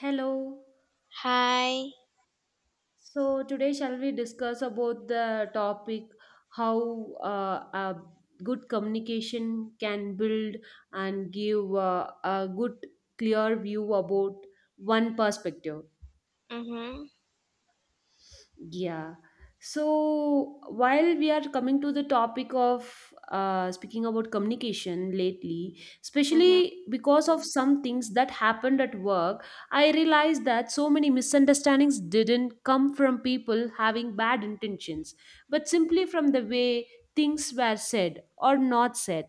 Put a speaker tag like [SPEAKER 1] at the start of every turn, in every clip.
[SPEAKER 1] Hello.
[SPEAKER 2] Hi.
[SPEAKER 1] So today shall we discuss about the topic how a good communication can build and give a good clear view about one perspective.
[SPEAKER 2] Mhm.
[SPEAKER 1] Yeah. So while we are coming to the topic of speaking about communication lately,
[SPEAKER 2] Mhm.
[SPEAKER 1] especially because of some things that happened at work, I realized that so many misunderstandings didn't come from people having bad intentions, but simply from the way things were said or not said.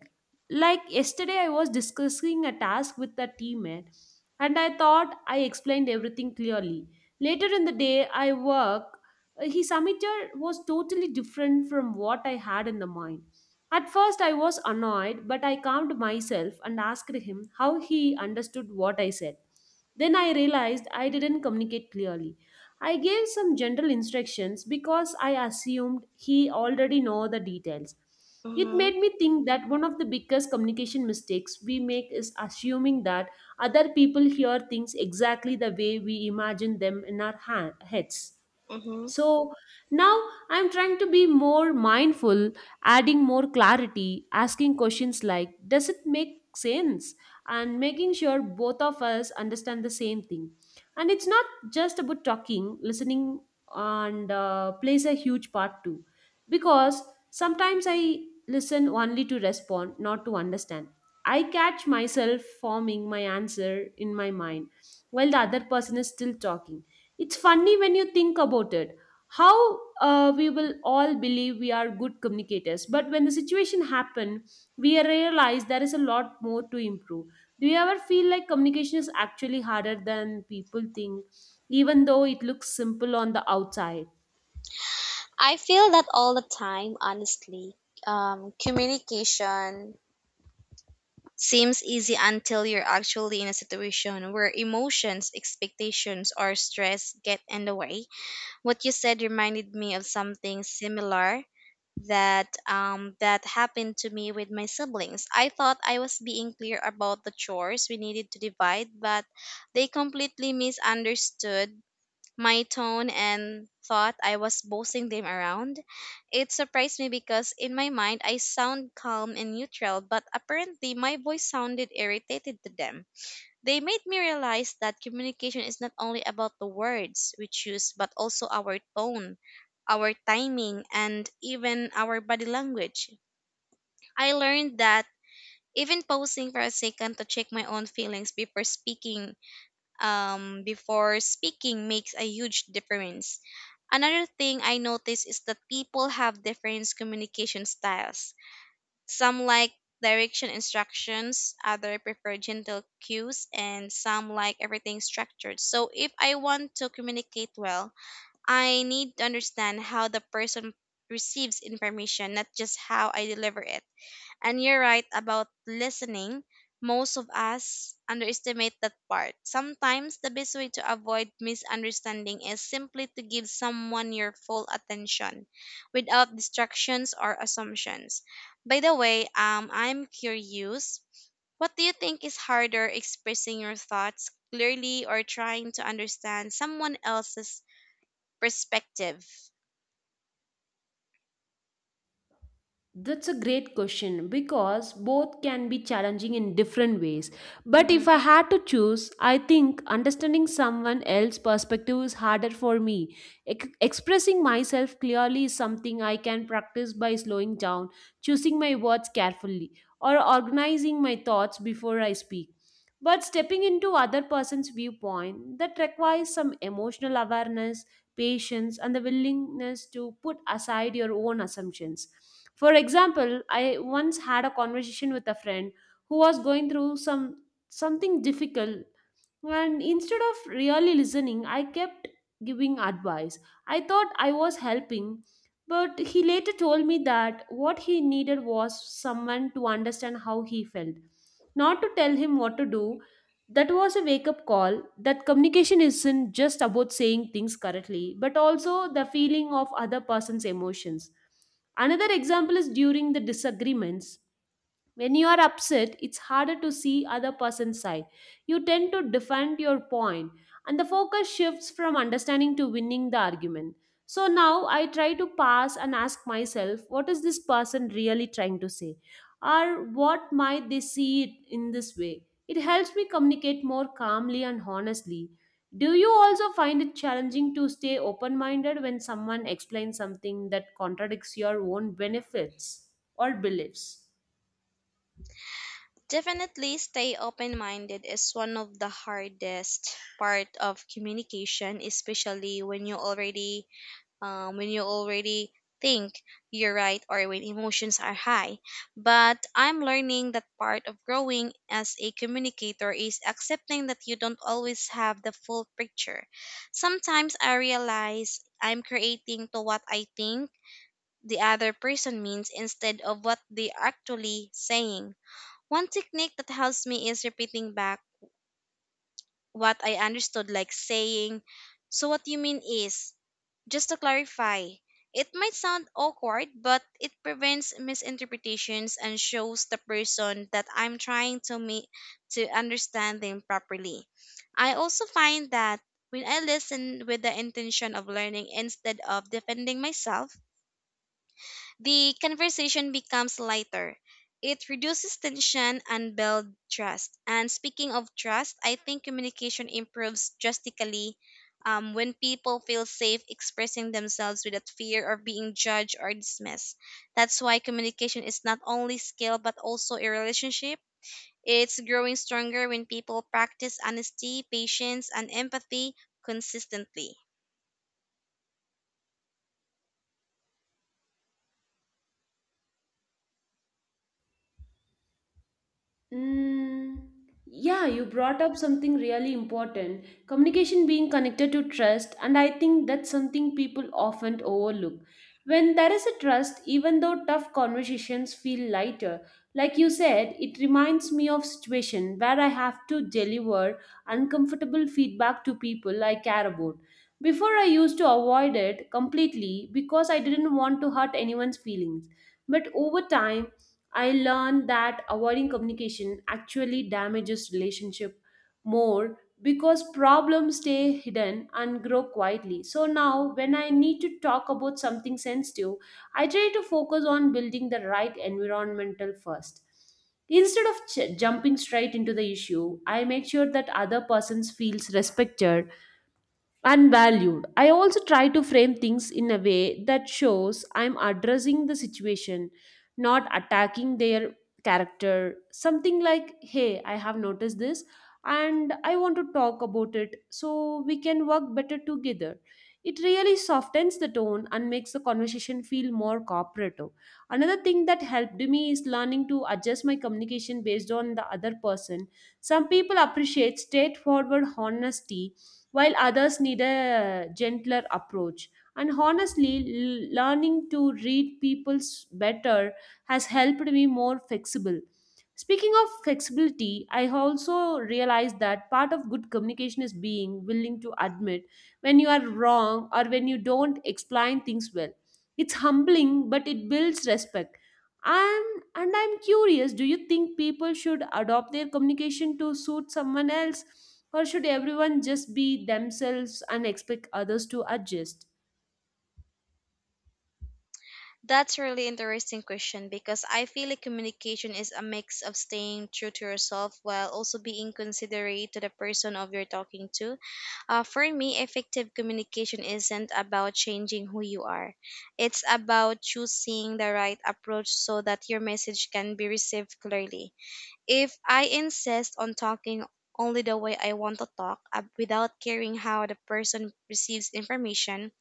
[SPEAKER 1] Like yesterday, I was discussing a task with a teammate, and I thought I explained everything clearly. Later in the day, I worked his amateur was totally different from what I had in the mind. At first, I was annoyed, but I calmed myself and asked him how he understood what I said. Then I realized I didn't communicate clearly. I gave some general instructions because I assumed he already know the details. It
[SPEAKER 2] Mhm.
[SPEAKER 1] made me think that one of the biggest communication mistakes we make is assuming that other people hear things exactly the way we imagine them in our heads.
[SPEAKER 2] Mhm.
[SPEAKER 1] So now I'm trying to be more mindful, adding more clarity, asking questions like, does it make sense? And making sure both of us understand the same thing. And it's not just about talking, listening, and plays a huge part too. Because sometimes I listen only to respond, not to understand. I catch myself forming my answer in my mind while the other person is still talking. It's funny when you think about it how we will all believe we are good communicators, but when the situation happen we realize there is a lot more to improve. Do you ever feel like communication is actually harder than people think, even though it looks simple on the outside?
[SPEAKER 2] I feel that all the time, honestly. Communication seems easy until you're actually in a situation where emotions, expectations, or stress get in the way. What you said reminded me of something similar that happened to me with my siblings. I thought I was being clear about the chores we needed to divide, but they completely misunderstood my tone and thought I was bossing them around. It surprised me because in my mind I sound calm and neutral, but apparently my voice sounded irritated to them. They made me realize that communication is not only about the words we choose, but also our tone, our timing, and even our body language. I learned that even pausing for a second to check my own feelings before speaking makes a huge difference. Another thing I notice is that people have different communication styles. Some like direction instructions, other prefer gentle cues, and some like everything structured. So if I want to communicate well, I need to understand how the person receives information, not just how I deliver it. And you're right about listening. Most of us underestimate that part. Sometimes the best way to avoid misunderstanding is simply to give someone your full attention without distractions or assumptions. By the way, I'm curious. What do you think is harder, expressing your thoughts clearly or trying to understand someone else's perspective?
[SPEAKER 1] That's a great question because both can be challenging in different ways. But if I
[SPEAKER 2] Mm-hmm.
[SPEAKER 1] had to choose, I think understanding someone else's perspective is harder for me. Expressing myself clearly is something I can practice by slowing down, choosing my words carefully, or organizing my thoughts before I speak. But stepping into other person's viewpoint that requires some emotional awareness, patience, and the willingness to put aside your own assumptions. For example, I once had a conversation with a friend who was going through something difficult, and instead of really listening, I kept giving advice. I thought I was helping, but he later told me that what he needed was someone to understand how he felt, not to tell him what to do. That was a wake up call that communication isn't just about saying things correctly, but also the feeling of other person's emotions. Another example is during the disagreements. When you are upset, it's harder to see other person's side. You tend to defend your point, and the focus shifts from understanding to winning the argument. So now I try to pass and ask myself, what is this person really trying to say? Or what might they see it in this way? It helps me communicate more calmly and honestly. Do you also find it challenging to stay open minded when someone explains something that contradicts your own benefits or beliefs?
[SPEAKER 2] Definitely, stay open minded is one of the hardest part of communication, especially when you already think you're right or when emotions are high. But I'm learning that part of growing as a communicator is accepting that you don't always have the full picture. Sometimes I realize I'm creating to what I think the other person means instead of what they actually saying. One technique that helps me is repeating back what I understood, like saying, "So what you mean is," just to clarify. It might sound awkward, but it prevents misinterpretations and shows the person that I'm trying to meet to understand them properly. I also find that when I listen with the intention of learning instead of defending myself, the conversation becomes lighter. It reduces tension and builds trust. And speaking of trust, I think communication improves drastically when people feel safe expressing themselves without fear of being judged or dismissed. That's why communication is not only skill but also a relationship. It's growing stronger when people practice honesty, patience, and empathy consistently.
[SPEAKER 1] Mm, yeah, you brought up something really important, communication being connected to trust, and I think that's something people often overlook. When there is a trust, even though tough conversations feel lighter, like you said, it reminds me of situation where I have to deliver uncomfortable feedback to people I care about. Before I used to avoid it completely because I didn't want to hurt anyone's feelings. But over time, I learned that avoiding communication actually damages relationship more because problems stay hidden and grow quietly. So now when I need to talk about something sensitive, I try to focus on building the right environmental first. Instead of jumping straight into the issue, I make sure that other persons feels respected, unvalued. I also try to frame things in a way that shows I'm addressing the situation, not attacking their character. Something like, hey, I have noticed this and I want to talk about it so we can work better together. It really softens the tone and makes the conversation feel more cooperative. Another thing that helped me is learning to adjust my communication based on the other person. Some people appreciate straightforward honesty while others need a gentler approach. And honestly, learning to read people's better has helped me more flexible. Speaking of flexibility, I also realized that part of good communication is being willing to admit when you are wrong or when you don't explain things well. It's humbling, but it builds respect. And I'm curious, do you think people should adopt their communication to suit someone else, or should everyone just be themselves and expect others to adjust?
[SPEAKER 2] That's a really interesting question because I feel like communication is a mix of staying true to yourself while also being considerate to the person of you're talking to. For me, effective communication isn't about changing who you are. It's about choosing the right approach so that your message can be received clearly. If I insist on talking only the way I want to talk, without caring how the person receives information,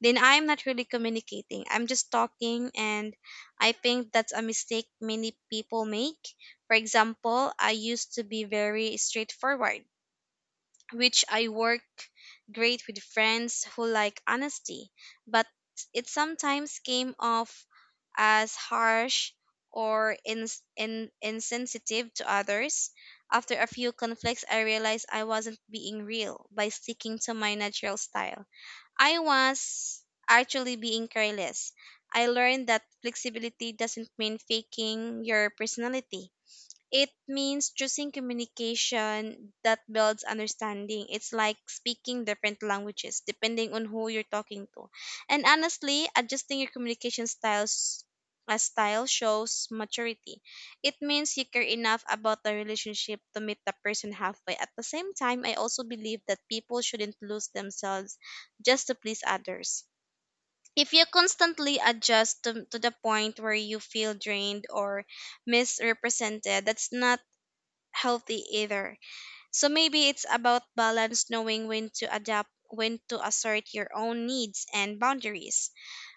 [SPEAKER 2] then I'm not really communicating. I'm just talking, and I think that's a mistake many people make. For example, I used to be very straightforward, which I work great with friends who like honesty, but it sometimes came off as harsh or insensitive to others. After a few conflicts, I realized I wasn't being real by sticking to my natural style. I was actually being careless. I learned that flexibility doesn't mean faking your personality. It means choosing communication that builds understanding. It's like speaking different languages depending on who you're talking to. And honestly, adjusting your communication style shows maturity. It means you care enough about the relationship to meet the person halfway. At the same time, I also believe that people shouldn't lose themselves just to please others. If you constantly adjust to the point where you feel drained or misrepresented, that's not healthy either. So maybe it's about balance, knowing when to adapt, when to assert your own needs and boundaries.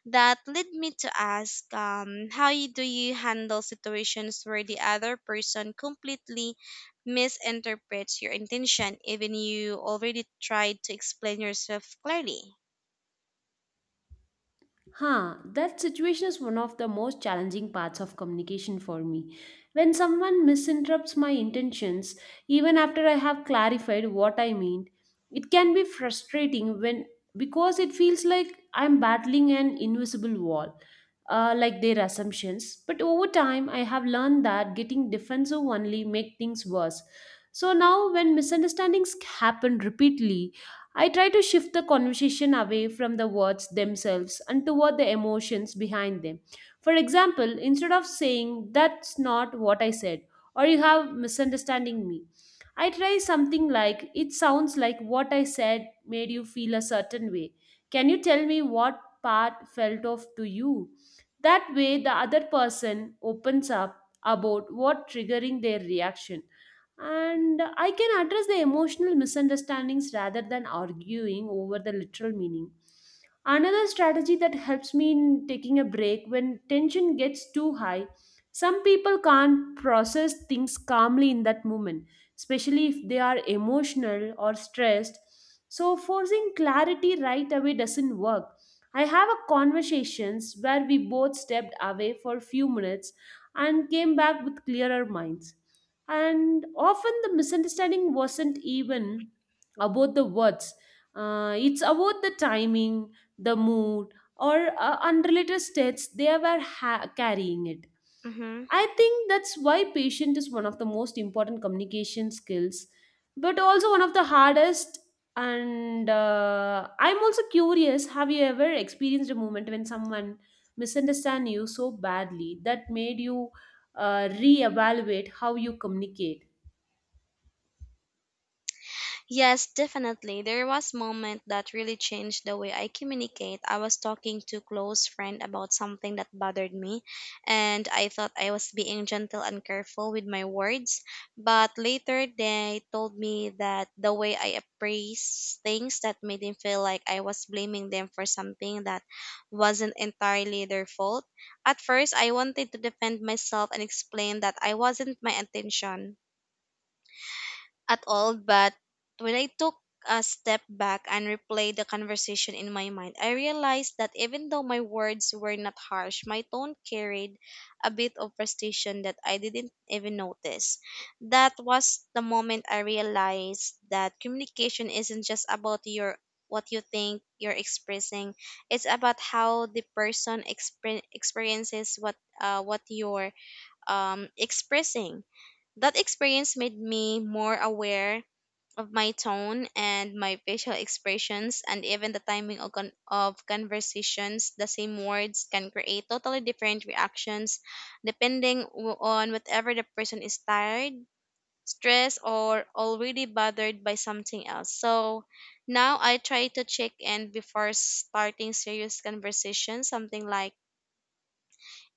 [SPEAKER 2] That led me to ask, do you handle situations where the other person completely misinterprets your intention, even you already tried to explain yourself clearly?
[SPEAKER 1] Huh, that situation is one of the most challenging parts of communication for me. When someone misinterrupts my intentions, even after I have clarified what I mean, it can be frustrating when because it feels like I'm battling an invisible wall, like their assumptions. But over time, I have learned that getting defensive only make things worse. So now, when misunderstandings happen repeatedly, I try to shift the conversation away from the words themselves and toward the emotions behind them. For example, instead of saying, that's not what I said, or you have misunderstanding me, I try something like, it sounds like what I said made you feel a certain way. Can you tell me what part felt off to you? That way, the other person opens up about what triggering their reaction, and I can address the emotional misunderstandings rather than arguing over the literal meaning. Another strategy that helps me in taking a break when tension gets too high, some people can't process things calmly in that moment, especially if they are emotional or stressed. So, forcing clarity right away doesn't work. I have a conversations where we both stepped away for a few minutes and came back with clearer minds, and often the misunderstanding wasn't even about the words, it's about the timing, the mood, or unrelated states they were carrying it. I think that's why patience is one of the most important communication skills, but also one of the hardest. And I'm also curious, have you ever experienced a moment when someone misunderstand you so badly that made you reevaluate how you communicate?
[SPEAKER 2] Yes, definitely. There was moment that really changed the way I communicate. I was talking to close friend about something that bothered me, and I thought I was being gentle and careful with my words, but later they told me that the way I appraised things that made them feel like I was blaming them for something that wasn't entirely their fault. At first, I wanted to defend myself and explain that I wasn't my intention at all, but when I took a step back and replayed the conversation in my mind, I realized that even though my words were not harsh, my tone carried a bit of frustration that I didn't even notice. That was the moment I realized that communication isn't just about your what you think you're expressing. It's about how the person experiences what you're expressing. That experience made me more aware of my tone and my facial expressions, and even the timing of conversations. The same words can create totally different reactions depending on whatever the person is tired, stressed, or already bothered by something else. So now I try to check in before starting serious conversation, something like,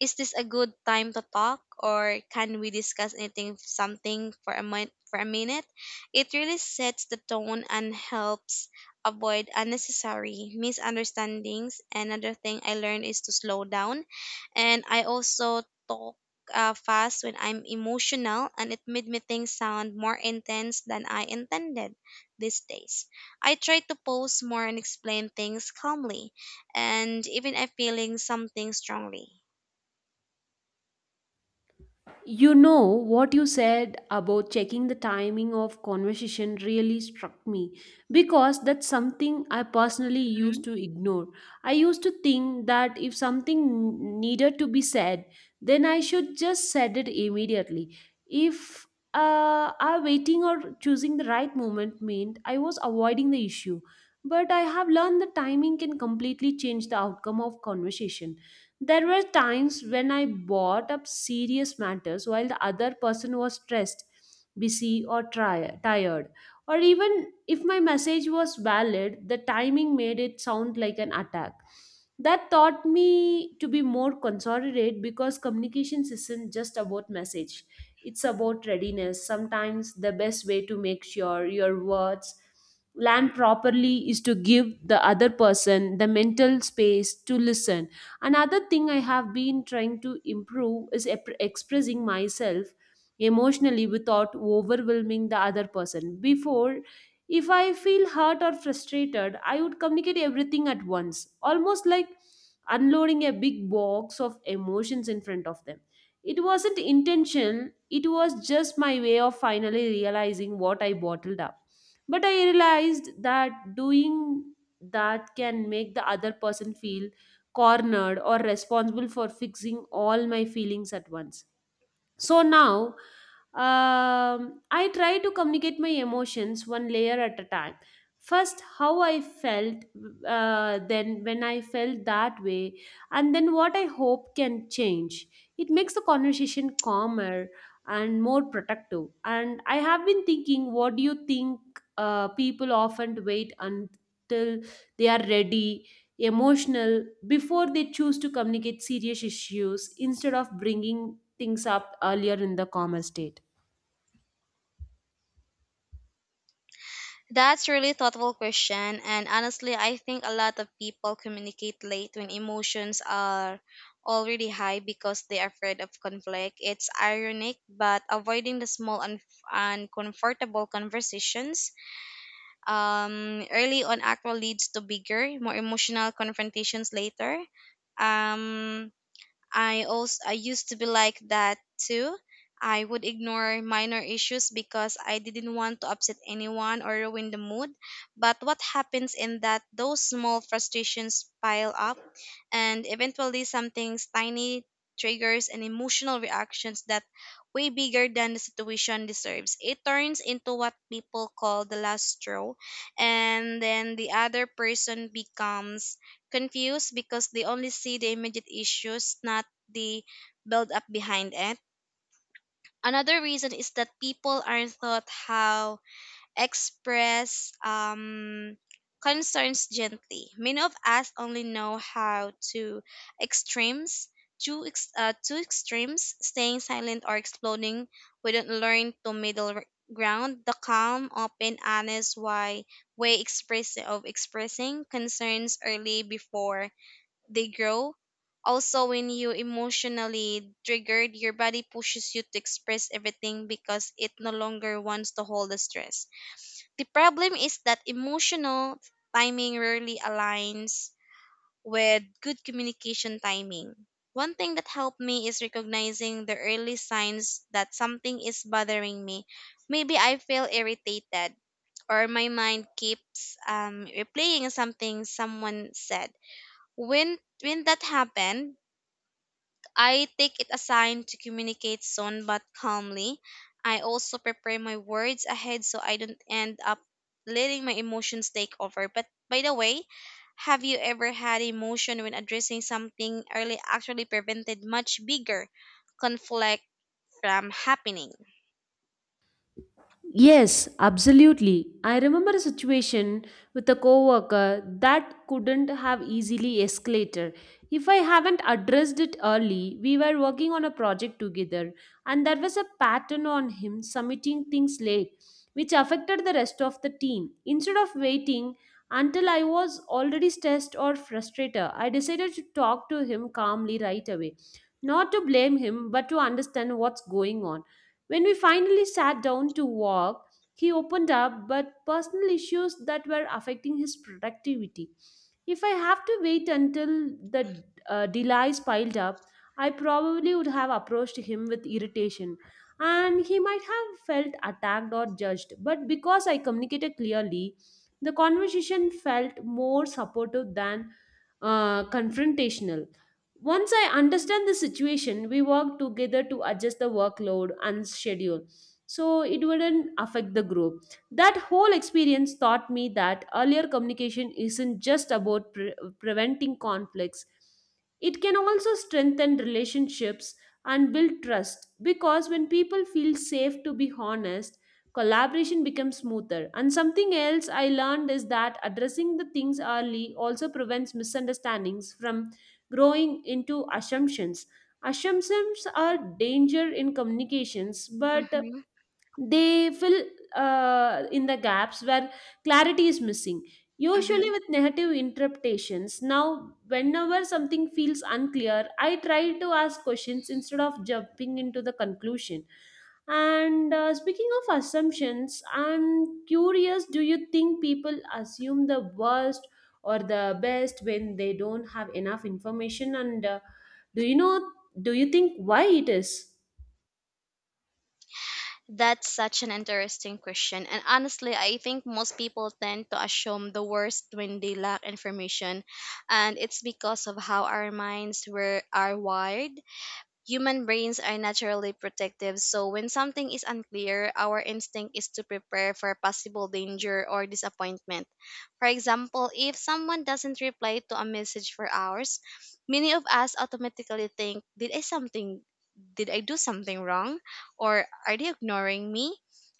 [SPEAKER 2] is this a good time to talk, or can we discuss anything something for a minute? It really sets the tone and helps avoid unnecessary misunderstandings. Another thing I learned is to slow down, and I also talk fast when I'm emotional, and it made me think sound more intense than I intended. These days I try to pause more and explain things calmly, and even if feeling something strongly.
[SPEAKER 1] You know, what you said about checking the timing of conversation really struck me because that's something I personally used to ignore. I used to think that if something needed to be said, then I should just said it immediately. If I waiting or choosing the right moment meant I was avoiding the issue. But I have learned that timing can completely change the outcome of conversation. There were times when I brought up serious matters while the other person was stressed, busy, or tired. Or even if my message was valid, the timing made it sound like an attack. That taught me to be more considerate because communication isn't just about message, it's about readiness. Sometimes the best way to make sure your words land properly is to give the other person the mental space to listen. Another thing I have been trying to improve is expressing myself emotionally without overwhelming the other person. Before, if I feel hurt or frustrated, I would communicate everything at once, almost like unloading a big box of emotions in front of them. It wasn't intentional, it was just my way of finally realizing what I bottled up. But I realized that doing that can make the other person feel cornered or responsible for fixing all my feelings at once. So now I try to communicate my emotions one layer at a time. First, how I felt, then when I felt that way, and then what I hope can change. It makes the conversation calmer and more productive. And I have been thinking, what do you think, people often wait until they are ready, emotional, before they choose to communicate serious issues instead of bringing things up earlier in the coma state?
[SPEAKER 2] That's a really thoughtful question, and honestly I think a lot of people communicate late when emotions are already high because they're afraid of conflict. It's ironic, but avoiding the small and uncomfortable conversations early on actually leads to bigger, more emotional confrontations later. Um, I also I used to be like that too. I would ignore minor issues because I didn't want to upset anyone or ruin the mood. But what happens in that those small frustrations pile up and eventually something tiny triggers and emotional reactions that way bigger than the situation deserves. It turns into what people call the last straw, and then the other person becomes confused because they only see the immediate issues, not the build up behind it. Another reason is that people aren't taught how express concerns gently. Many of us only know how to extremes, two extremes, staying silent or exploding. We don't learn to middle ground, the calm, open, honest, why way express of expressing concerns early before they grow. Also, when you emotionally triggered, your body pushes you to express everything because it no longer wants to hold the stress. The problem is that emotional timing rarely aligns with good communication timing. One thing that helped me is recognizing the early signs that something is bothering me. Maybe I feel irritated or my mind keeps replaying something someone said. When when that happened, I take it as sign to communicate soon but calmly. I also prepare my words ahead so I don't end up letting my emotions take over. But by the way, have you ever had emotion when addressing something early actually prevented much bigger conflict from happening?
[SPEAKER 1] Yes, absolutely. I remember a situation with a coworker that couldn't have easily escalated. If I haven't addressed it early, we were working on a project together and there was a pattern on him submitting things late, which affected the rest of the team. Instead of waiting until I was already stressed or frustrated, I decided to talk to him calmly right away. Not to blame him, but to understand what's going on. When we finally sat down to walk, he opened up, but personal issues that were affecting his productivity. If I have to wait until the delays piled up, I probably would have approached him with irritation and he might have felt attacked or judged. But because I communicated clearly, the conversation felt more supportive than confrontational. Once I understand the situation, we work together to adjust the workload and schedule so it wouldn't affect the group. That whole experience taught me that earlier communication isn't just about preventing conflicts, it can also strengthen relationships and build trust because when people feel safe to be honest, collaboration becomes smoother. And something else I learned is that addressing the things early also prevents misunderstandings from growing into assumptions. Assumptions are danger in communications, but
[SPEAKER 2] Mm-hmm.
[SPEAKER 1] they fill in the gaps where clarity is missing. Usually, with negative interpretations, now whenever something feels unclear, I try to ask questions instead of jumping into the conclusion. And speaking of assumptions, I'm curious, do you think people assume the worst or the best when they don't have enough information? And do you know, do you think why it is?
[SPEAKER 2] That's such an interesting question. And honestly, I think most people tend to assume the worst when they lack information. And it's because of how our minds are wired. Human brains are naturally protective, so when something is unclear, our instinct is to prepare for possible danger or disappointment. For example, if someone doesn't reply to a message for hours, many of us automatically think, did I something did I do something wrong, or are they ignoring me?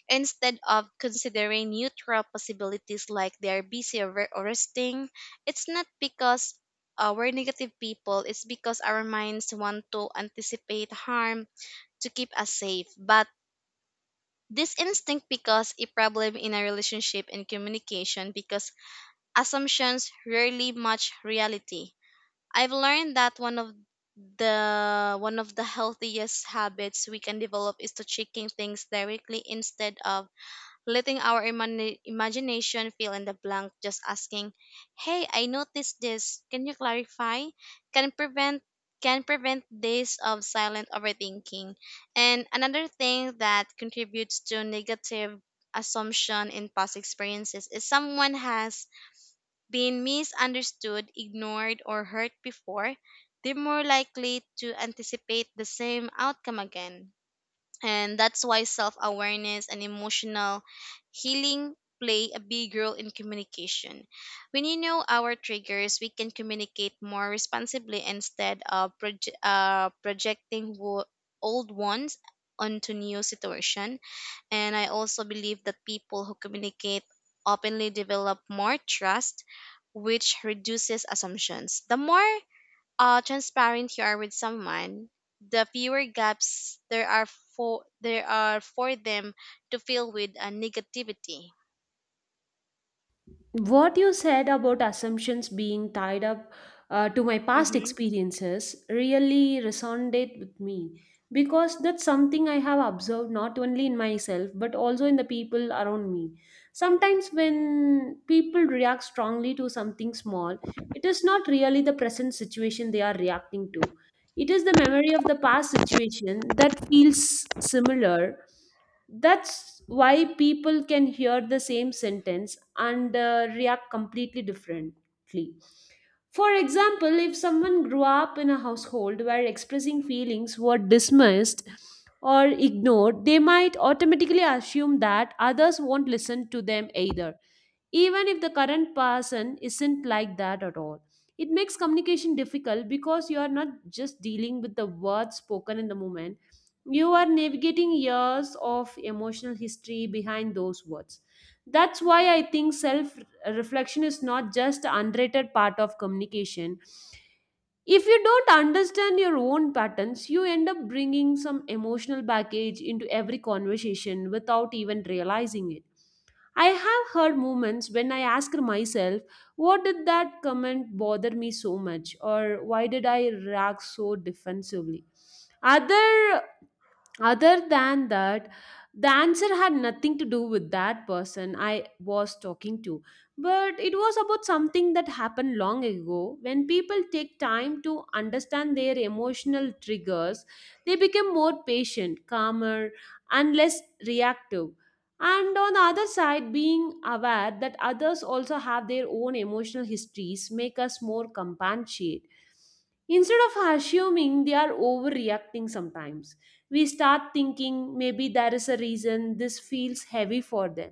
[SPEAKER 2] Instead of considering neutral possibilities like they are busy or resting, it's not because we're negative people, it's because our minds want to anticipate harm to keep us safe. But this instinct because a problem in a relationship and communication because assumptions rarely match reality. I've learned that one of the healthiest habits we can develop is to checking things directly instead of letting our imagination fill in the blank, just asking, "Hey, I noticed this. Can you clarify?" Can prevent can prevent days of silent overthinking. And another thing that contributes to negative assumption in past experiences is someone has been misunderstood, ignored, or hurt before, they're more likely to anticipate the same outcome again. And that's why self-awareness and emotional healing play a big role in communication. When you know our triggers, we can communicate more responsibly instead of projecting old ones onto new situation. And I also believe that people who communicate openly develop more trust, which reduces assumptions. The more transparent you are with someone, the fewer gaps there are for them to fill with negativity.
[SPEAKER 1] What you said about assumptions being tied up to my past
[SPEAKER 2] Hmm.
[SPEAKER 1] experiences really resonated with me because that's something I have observed not only in myself but also in the people around me. Sometimes, when people react strongly to something small, it is not really the present situation they are reacting to, it is the memory of the past situation that feels similar. That's why people can hear the same sentence and react completely differently. For example, if someone grew up in a household where expressing feelings were dismissed or ignored, they might automatically assume that others won't listen to them either, even if the current person isn't like that at all. It makes communication difficult because you are not just dealing with the words spoken in the moment, you are navigating years of emotional history behind those words. That's why I think self reflection is not just an underrated part of communication. If you don't understand your own patterns, you end up bringing some emotional baggage into every conversation without even realizing it. I have heard moments when I ask myself, what did that comment bother me so much? Or why did I react so defensively? Other other than that, the answer had nothing to do with that person I was talking to, but it was about something that happened long ago. When people take time to understand their emotional triggers, they become more patient, calmer, and less reactive. And on the other side, being aware that others also have their own emotional histories make us more compassionate. Instead of assuming they are overreacting sometimes, we start thinking maybe there is a reason this feels heavy for them.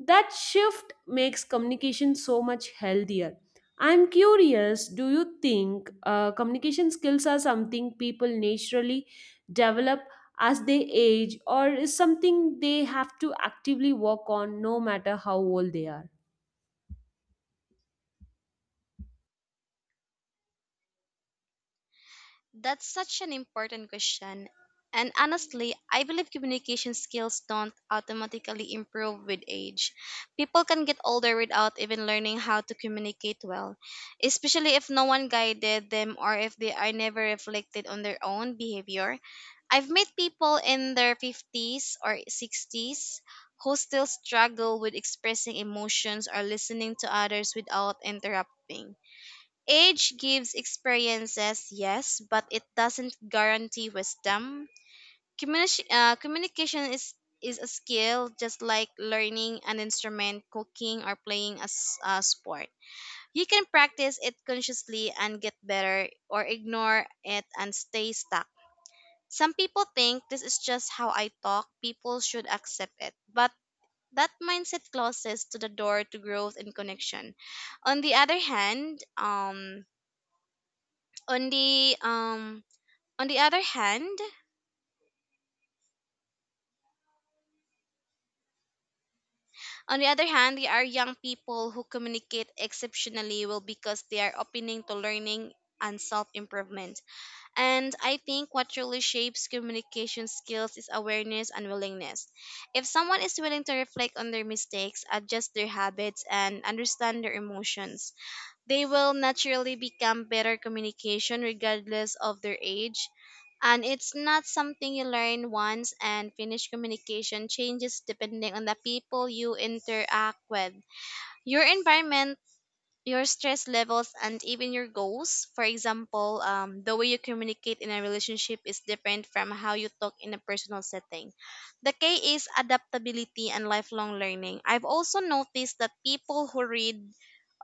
[SPEAKER 1] That shift makes communication so much healthier. I'm curious, do you think communication skills are something people naturally develop as they age, or is something they have to actively work on no matter how old they are?
[SPEAKER 2] That's such an important question. And honestly, I believe communication skills don't automatically improve with age. People can get older without even learning how to communicate well, especially if no one guided them or if they are never reflected on their own behavior. I've met people in their 50s or 60s who still struggle with expressing emotions or listening to others without interrupting. Age gives experiences, yes, but it doesn't guarantee wisdom. Communication is a skill, just like learning an instrument, cooking, or playing a sport. You can practice it consciously and get better, or ignore it and stay stuck. Some people think this is just how I talk, people should accept it. But that mindset closes to the door to growth and connection. On the other hand, on the um on the other hand On the other hand, there are young people who communicate exceptionally well because they are opening to learning and self-improvement. And I think what truly shapes communication skills is awareness and willingness. If someone is willing to reflect on their mistakes, adjust their habits, and understand their emotions, they will naturally become better communication regardless of their age. And it's not something you learn once and finish. Communication changes depending on the people you interact with. Your environment, your stress levels, and even your goals. For example, the way you communicate in a relationship is different from how you talk in a personal setting. The K is adaptability and lifelong learning. I've also noticed that people who read,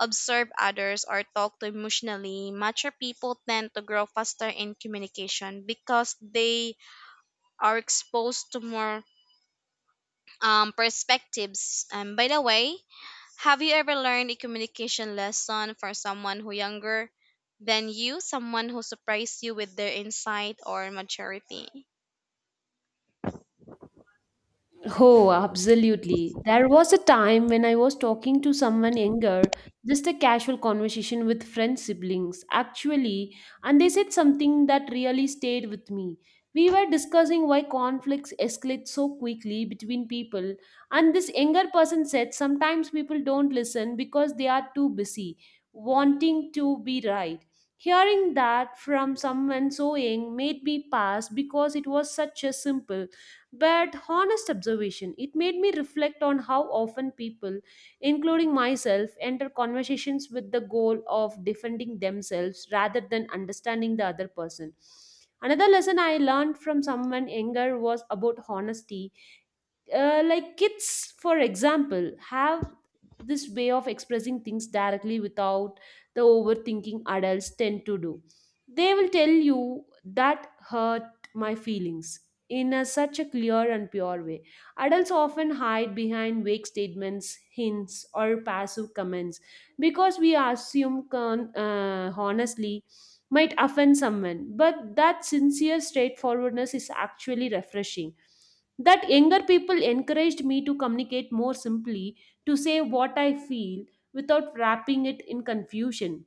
[SPEAKER 2] observe others, or talk to emotionally, mature people tend to grow faster in communication because they are exposed to more perspectives. And by the way, have you ever learned a communication lesson from someone who younger than you, someone who surprised you with their insight or maturity?
[SPEAKER 1] Oh, absolutely. There was a time when I was talking to someone younger, just a casual conversation with friends, siblings, actually, and they said something that really stayed with me. We were discussing why conflicts escalate so quickly between people, and this younger person said sometimes people don't listen because they are too busy, wanting to be right. Hearing that from someone so young made me pass because it was such a simple but honest observation. It made me reflect on how often people, including myself, enter conversations with the goal of defending themselves rather than understanding the other person. Another lesson I learned from someone younger was about honesty. Like kids for example have this way of expressing things directly without the overthinking adults tend to do. They will tell you that hurt my feelings in a, such a clear and pure way. Adults often hide behind vague statements, hints, or passive comments because we assume honestly might offend someone, but that sincere straightforwardness is actually refreshing. That younger people encouraged me to communicate more simply, to say what I feel without wrapping it in confusion.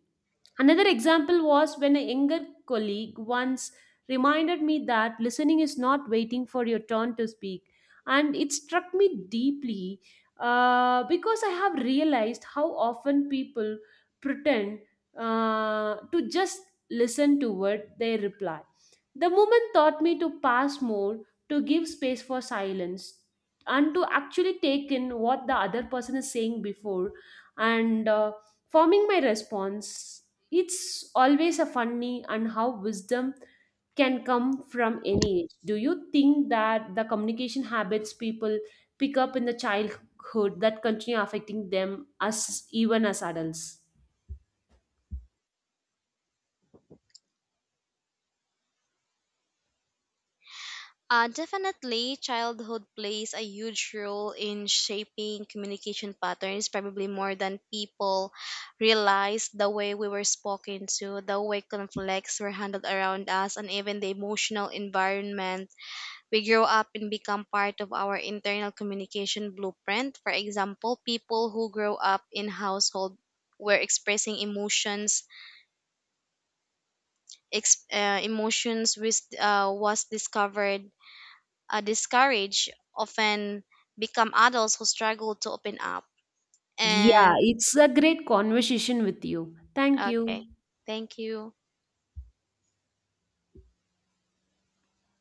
[SPEAKER 1] Another example was when a younger colleague once reminded me that listening is not waiting for your turn to speak. And it struck me deeply because I have realized how often people pretend to just listen toward their reply. The moment taught me to pass more, to give space for silence, and to actually take in what the other person is saying before and forming my response. It's always a funny and how wisdom can come from any age. Do you think that the communication habits people pick up in the childhood that continue affecting them as even as adults?
[SPEAKER 2] Definitely, childhood plays a huge role in shaping communication patterns, probably more than people realize. The way we were spoken to, the way conflicts were handled around us, and even the emotional environment we grow up and become part of our internal communication blueprint. For example, people who grow up in household where expressing emotions, ex- uh, emotions which uh, was discovered, discouraged, often become adults who struggle to open up.
[SPEAKER 1] Yeah,
[SPEAKER 2] And
[SPEAKER 1] it's a great conversation with you. Thank
[SPEAKER 2] okay,
[SPEAKER 1] you.
[SPEAKER 2] thank you.